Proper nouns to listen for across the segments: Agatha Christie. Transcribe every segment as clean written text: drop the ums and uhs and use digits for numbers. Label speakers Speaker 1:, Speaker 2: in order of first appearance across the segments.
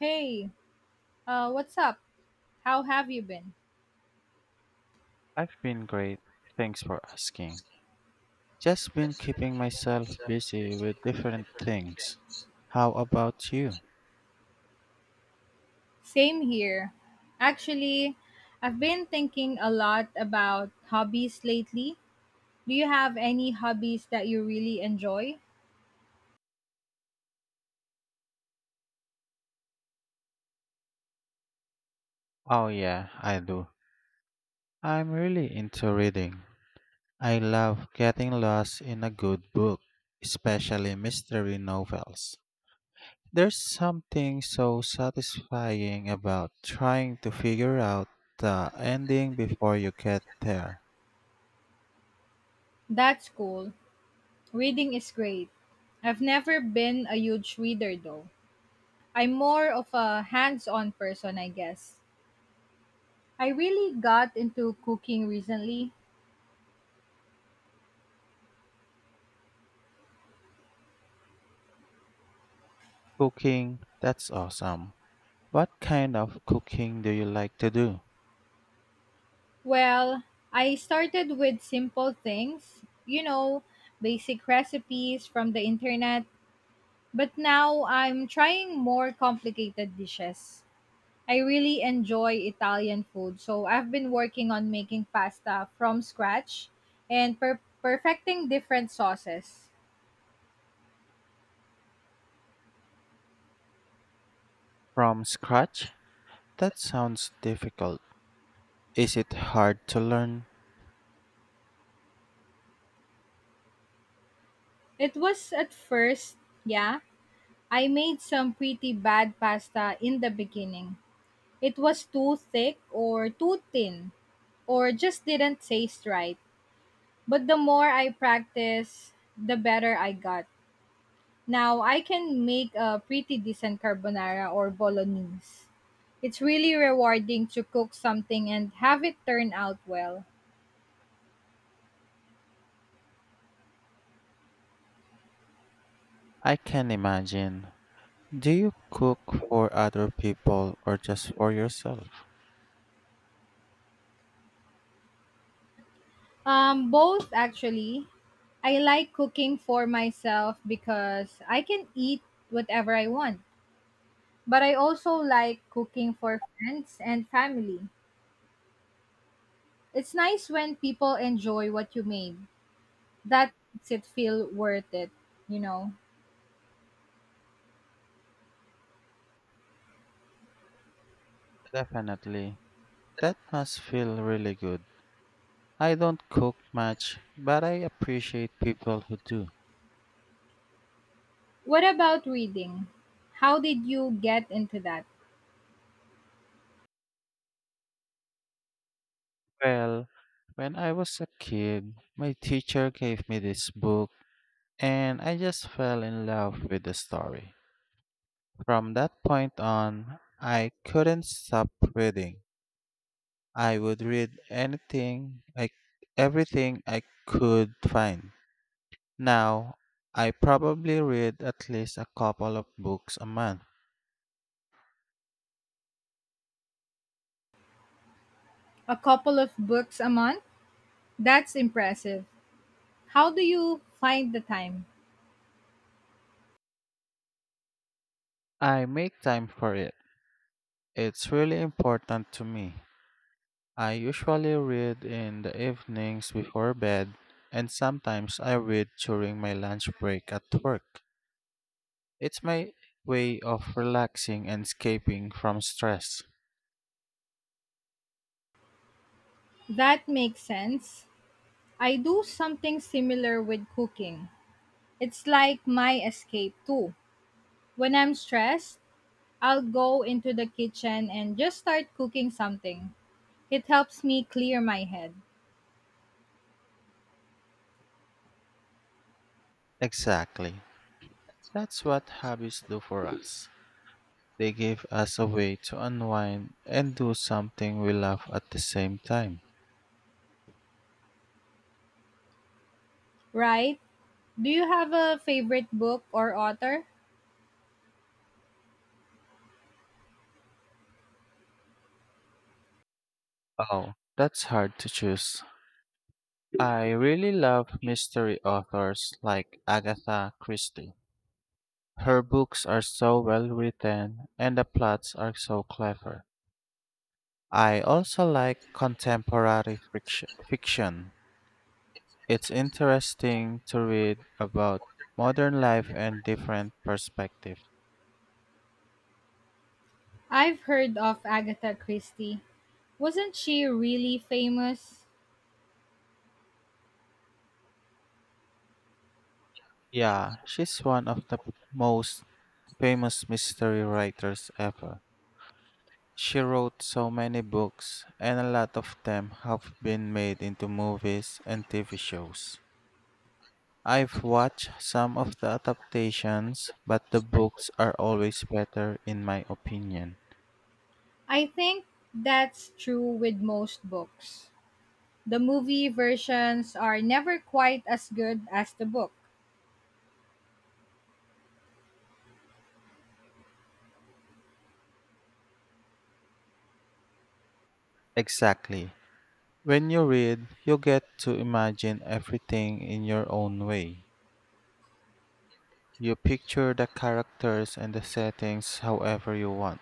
Speaker 1: Hey, what's up? How have you been?
Speaker 2: I've been great. Thanks for asking. Just been keeping myself busy with different things. How about you?
Speaker 1: Same here. Actually, I've been thinking a lot about hobbies lately. Do you have any hobbies that you really enjoy?
Speaker 2: Oh, yeah, I do. I'm really into reading. I love getting lost in a good book, especially mystery novels. There's something so satisfying about trying to figure out the ending before you get there.
Speaker 1: That's cool. Reading is great. I've never been a huge reader though. I'm more of a hands on person, I guess. I really got into cooking recently.
Speaker 2: Cooking, that's awesome. What kind of cooking do you like to do?
Speaker 1: Well, I started with simple things, you know, basic recipes from the internet, but now I'm trying more complicated dishes. I really enjoy Italian food, so I've been working on making pasta from scratch and perfecting different sauces.
Speaker 2: From scratch? That sounds difficult. Is it hard to learn?
Speaker 1: It was at first, yeah. I made some pretty bad pasta in the beginning. It was too thick or too thin or just didn't taste right. But the more I practice, the better I got. Now I can make a pretty decent carbonara or bolognese. It's really rewarding to cook something and have it turn out well.
Speaker 2: I can imagine. Do you cook for other people or just for yourself?
Speaker 1: Both actually. I like cooking for myself because I can eat whatever I want. But I also like cooking for friends and family. It's nice when people enjoy what you made. That makes it feel worth it, you know.
Speaker 2: Definitely. That must feel really good. I don't cook much, but I appreciate people who do.
Speaker 1: What about reading? How did you get into that?
Speaker 2: Well, when I was a kid, my teacher gave me this book, and I just fell in love with the story. From that point on, I couldn't stop reading. I would read anything, everything I could find. Now, I probably read at least a couple of books a month.
Speaker 1: A couple of books a month? That's impressive. How do you find the time?
Speaker 2: I make time for it. It's really important to me. I usually read in the evenings before bed, and sometimes I read during my lunch break at work. It's my way of relaxing and escaping from stress.
Speaker 1: That makes sense. I do something similar with cooking. It's like my escape too. When I'm stressed, I'll go into the kitchen and just start cooking something. It helps me clear my head.
Speaker 2: Exactly. That's what hobbies do for us. They give us a way to unwind and do something we love at the same time.
Speaker 1: Right? Do you have a favorite book or author?
Speaker 2: Oh, that's hard to choose. I really love mystery authors like Agatha Christie. Her books are so well written and the plots are so clever. I also like contemporary fiction. It's interesting to read about modern life and different perspectives.
Speaker 1: I've heard of Agatha Christie. Wasn't she really famous?
Speaker 2: Yeah, she's one of the most famous mystery writers ever. She wrote so many books, and a lot of them have been made into movies and TV shows. I've watched some of the adaptations, but the books are always better, in my opinion.
Speaker 1: I think that's true with most books. The movie versions are never quite as good as the book.
Speaker 2: Exactly. When you read, you get to imagine everything in your own way. You picture the characters and the settings however you want.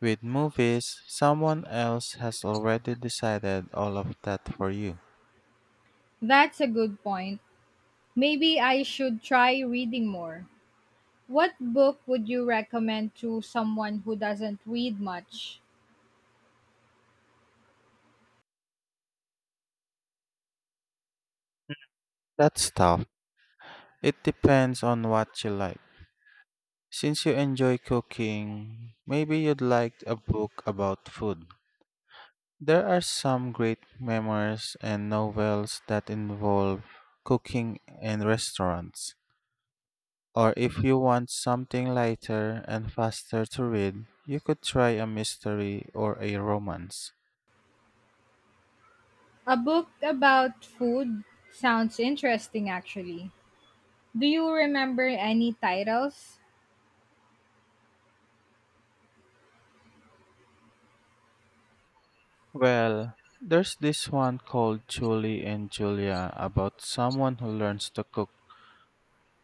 Speaker 2: With movies, someone else has already decided all of that for you.
Speaker 1: That's a good point. Maybe I should try reading more. What book would you recommend to someone who doesn't read much?
Speaker 2: That's tough. It depends on what you like. Since you enjoy cooking, maybe you'd like a book about food. There are some great memoirs and novels that involve cooking and restaurants. Or if you want something lighter and faster to read, you could try a mystery or a romance.
Speaker 1: A book about food sounds interesting, actually. Do you remember any titles?
Speaker 2: Well, there's this one called Julie and Julia about someone who learns to cook.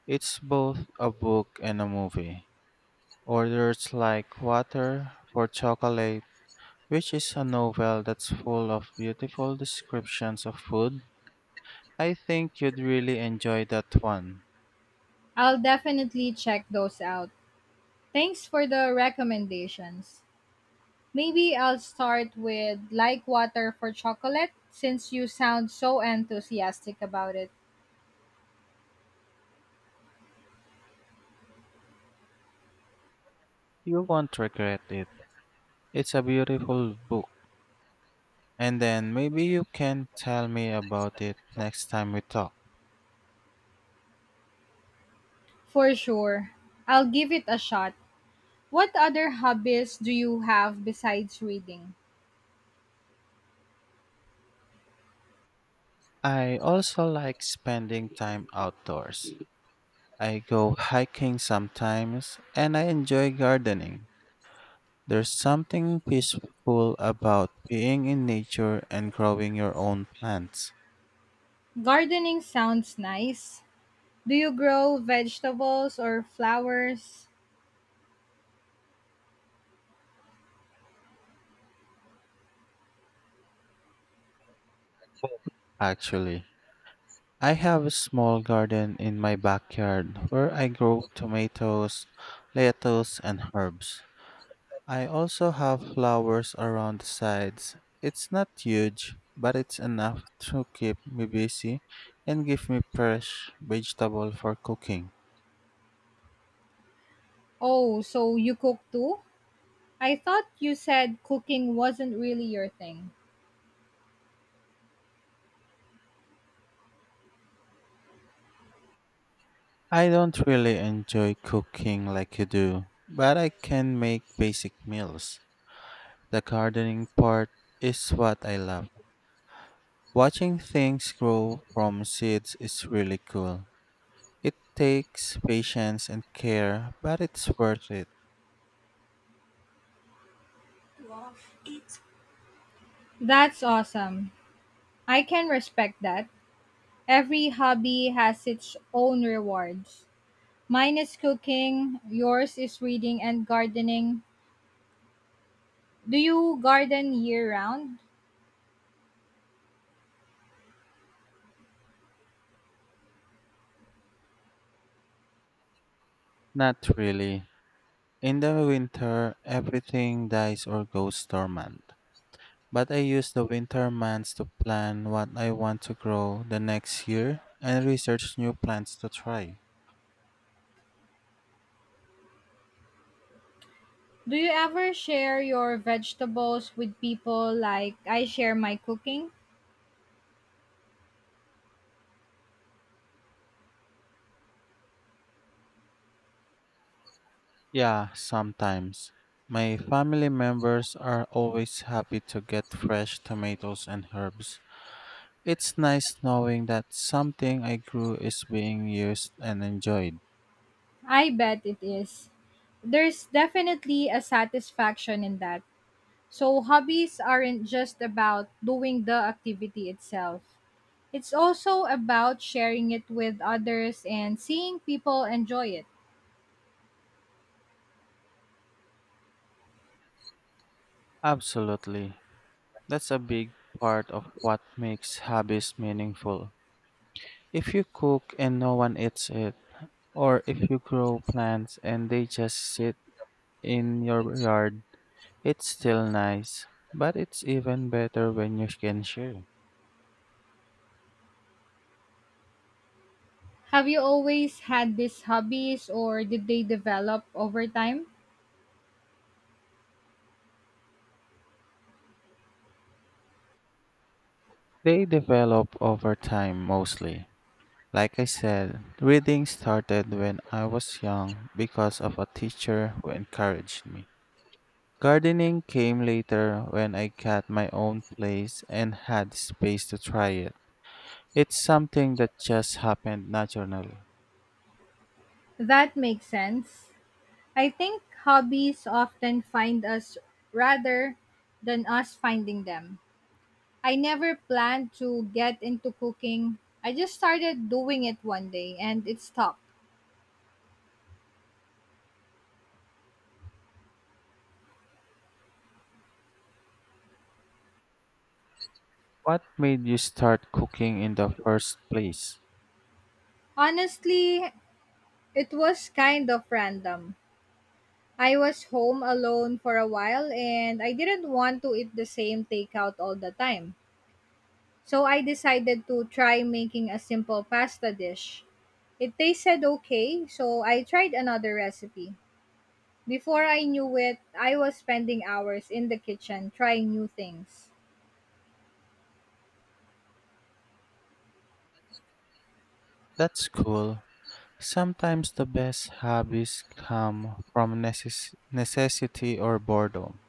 Speaker 2: It's both a book and a movie. Orders Like Water for Chocolate, which is a novel that's full of beautiful descriptions of food. I think you'd really enjoy that one.
Speaker 1: I'll definitely check those out. Thanks for the recommendations. Maybe I'll start with Like Water for Chocolate since you sound so enthusiastic about it.
Speaker 2: You won't regret it. It's a beautiful book. And then maybe you can tell me about it next time we talk.
Speaker 1: For sure. I'll give it a shot. What other hobbies do you have besides reading?
Speaker 2: I also like spending time outdoors. I go hiking sometimes and I enjoy gardening. There's something peaceful about being in nature and growing your own plants.
Speaker 1: Gardening sounds nice. Do you grow vegetables or flowers?
Speaker 2: Actually, I have a small garden in my backyard where I grow tomatoes, lettuce, and herbs. I also have flowers around the sides. It's not huge, but it's enough to keep me busy and give me fresh vegetable for cooking.
Speaker 1: Oh, so you cook too? I thought you said cooking wasn't really your thing.
Speaker 2: I don't really enjoy cooking like you do, but I can make basic meals. The gardening part is what I love. Watching things grow from seeds is really cool. It takes patience and care, but it's worth it.
Speaker 1: That's awesome. I can respect that. Every hobby has its own rewards. Mine is cooking, yours is reading and gardening. Do you garden year round?
Speaker 2: Not really. In the winter, everything dies or goes dormant. But I use the winter months to plan what I want to grow the next year and research new plants to try.
Speaker 1: Do you ever share your vegetables with people like I share my cooking?
Speaker 2: Yeah, sometimes. My family members are always happy to get fresh tomatoes and herbs. It's nice knowing that something I grew is being used and enjoyed.
Speaker 1: I bet it is. There's definitely a satisfaction in that. So, hobbies aren't just about doing the activity itself, it's also about sharing it with others and seeing people enjoy it.
Speaker 2: Absolutely. That's a big part of what makes hobbies meaningful. If you cook and no one eats it, or if you grow plants and they just sit in your yard, it's still nice. But it's even better when you can share.
Speaker 1: Have you always had these hobbies or did they develop over time?
Speaker 2: They develop over time mostly. Like I said, reading started when I was young because of a teacher who encouraged me. Gardening came later when I got my own place and had space to try it. It's something that just happened naturally.
Speaker 1: That makes sense. I think hobbies often find us rather than us finding them. I never planned to get into cooking. I just started doing it one day and it stuck.
Speaker 2: What made you start cooking in the first place?
Speaker 1: Honestly, it was kind of random. I was home alone for a while and I didn't want to eat the same takeout all the time. So I decided to try making a simple pasta dish. It tasted okay, so I tried another recipe. Before I knew it, I was spending hours in the kitchen trying new things.
Speaker 2: That's cool. Sometimes the best hobbies come from necessity or boredom.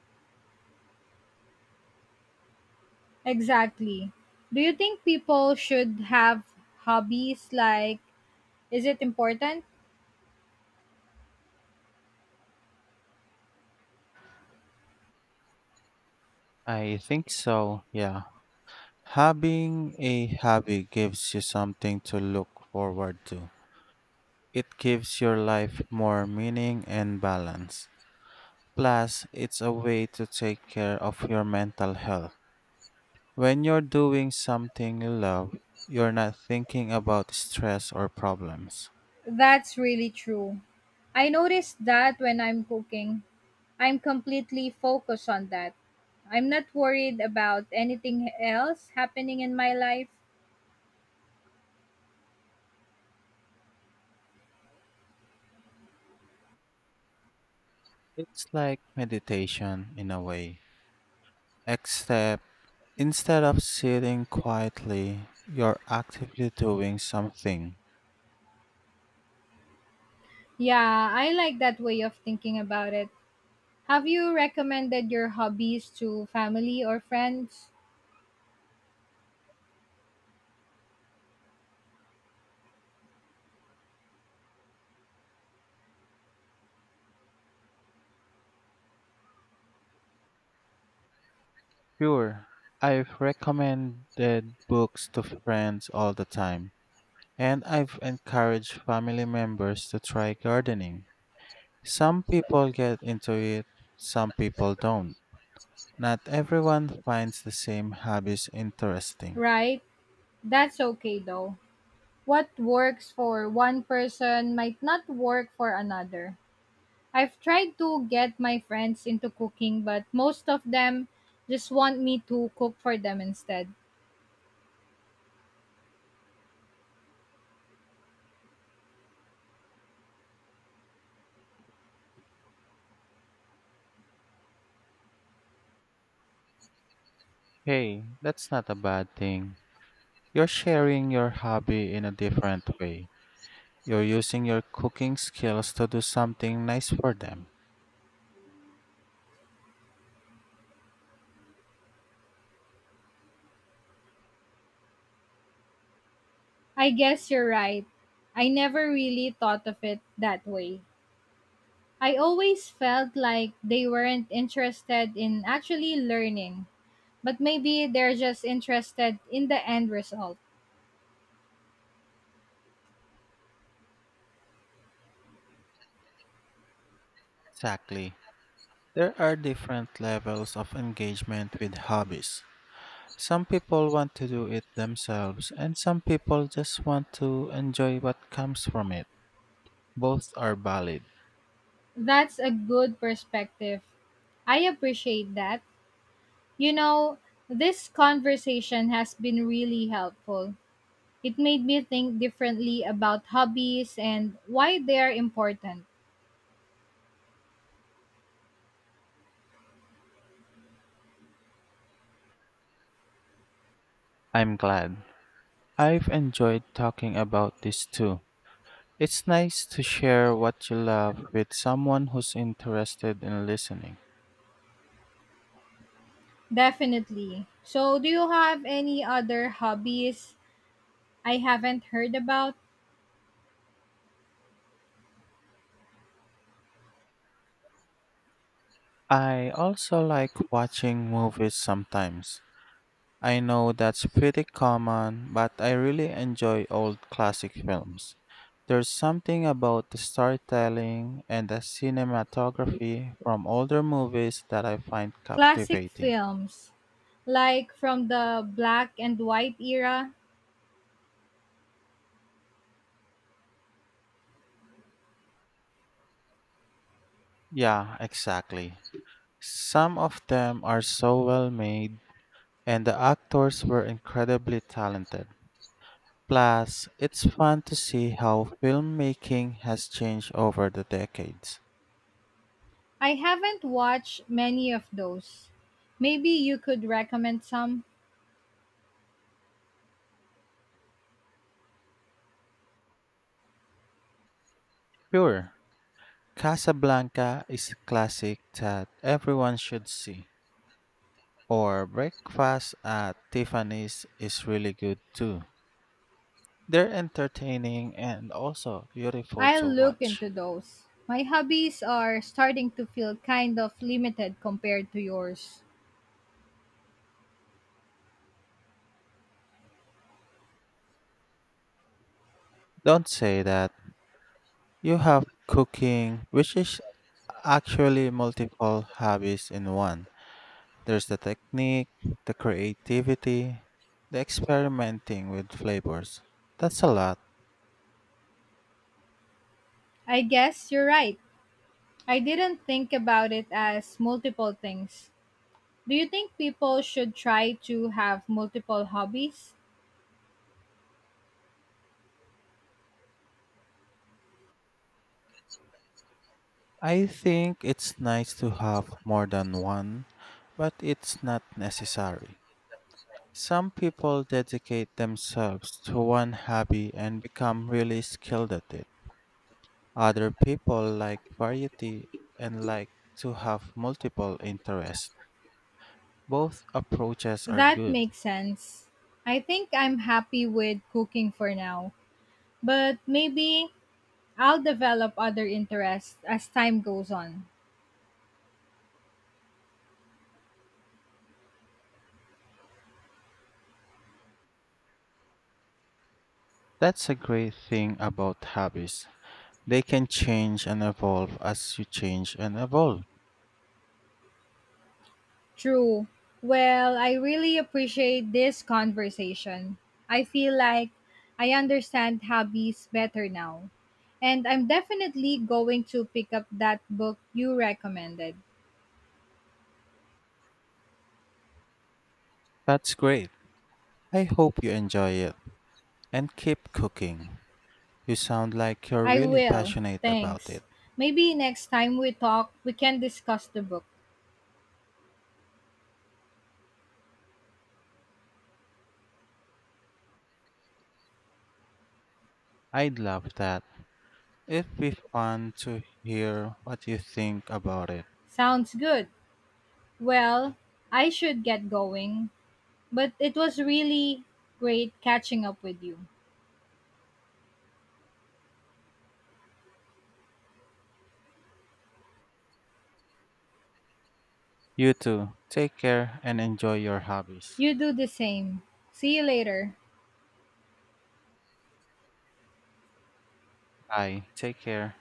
Speaker 1: Exactly. Do you think people should have hobbies? Like, is it important?
Speaker 2: I think so, yeah. Having a hobby gives you something to look forward to. It gives your life more meaning and balance. Plus, it's a way to take care of your mental health. When you're doing something you love, you're not thinking about stress or problems.
Speaker 1: That's really true. I noticed that when I'm cooking, I'm completely focused on that. I'm not worried about anything else happening in my life.
Speaker 2: It's like meditation in a way, except instead of sitting quietly, you're actively doing something.
Speaker 1: Yeah, I like that way of thinking about it. Have you recommended your hobbies to family or friends?
Speaker 2: Sure. I've recommended books to friends all the time, and I've encouraged family members to try gardening. Some people get into it, some people don't. Not everyone finds the same hobbies interesting.
Speaker 1: Right? That's okay though. What works for one person might not work for another. I've tried to get my friends into cooking, but most of them just want me to cook for them instead.
Speaker 2: Hey, that's not a bad thing. You're sharing your hobby in a different way. You're using your cooking skills to do something nice for them.
Speaker 1: I guess you're right. I never really thought of it that way. I always felt like they weren't interested in actually learning, but maybe they're just interested in the end result.
Speaker 2: Exactly. There are different levels of engagement with hobbies. Some people want to do it themselves, and some people just want to enjoy what comes from it. Both are valid.
Speaker 1: That's a good perspective. I appreciate that. You know, this conversation has been really helpful. It made me think differently about hobbies and why they are important.
Speaker 2: I'm glad. I've enjoyed talking about this too. It's nice to share what you love with someone who's interested in listening.
Speaker 1: Definitely. So, do you have any other hobbies I haven't heard about?
Speaker 2: I also like watching movies sometimes. I know that's pretty common, but I really enjoy old classic films. There's something about the storytelling and the cinematography from older movies that I find
Speaker 1: Classic
Speaker 2: captivating.
Speaker 1: films, like from the black and white era.
Speaker 2: Yeah, exactly. Some of them are so well made, and the actors were incredibly talented. Plus, it's fun to see how filmmaking has changed over the decades.
Speaker 1: I haven't watched many of those. Maybe you could recommend some.
Speaker 2: Sure, Casablanca is a classic that everyone should see. Or Breakfast at Tiffany's is really good too. They're entertaining and also beautiful
Speaker 1: I'll
Speaker 2: to
Speaker 1: look
Speaker 2: watch.
Speaker 1: into those. My hobbies are starting to feel kind of limited compared to yours.
Speaker 2: Don't say that. You have cooking, which is actually multiple hobbies in one. There's the technique, the creativity, the experimenting with flavors. That's a lot.
Speaker 1: I guess you're right. I didn't think about it as multiple things. Do you think people should try to have multiple hobbies?
Speaker 2: I think it's nice to have more than one, but it's not necessary. Some people dedicate themselves to one hobby and become really skilled at it. Other people like variety and like to have multiple interests. Both approaches are
Speaker 1: That
Speaker 2: good.
Speaker 1: makes sense. I think I'm happy with cooking for now, but maybe I'll develop other interests as time goes on.
Speaker 2: That's a great thing about hobbies. They can change and evolve as you change and evolve.
Speaker 1: True. Well, I really appreciate this conversation. I feel like I understand hobbies better now. And I'm definitely going to pick up that book you recommended.
Speaker 2: That's great. I hope you enjoy it and keep cooking. You sound like you're
Speaker 1: I
Speaker 2: really
Speaker 1: will.
Speaker 2: passionate about
Speaker 1: Thanks.
Speaker 2: it.
Speaker 1: Maybe next time we talk, we can discuss the book.
Speaker 2: I'd love that. It'd be fun to hear what you think about it.
Speaker 1: Sounds good. Well, I should get going, but it was really great catching up with you.
Speaker 2: You too. Take care and enjoy your hobbies.
Speaker 1: You do the same. See you later.
Speaker 2: Bye. Take care.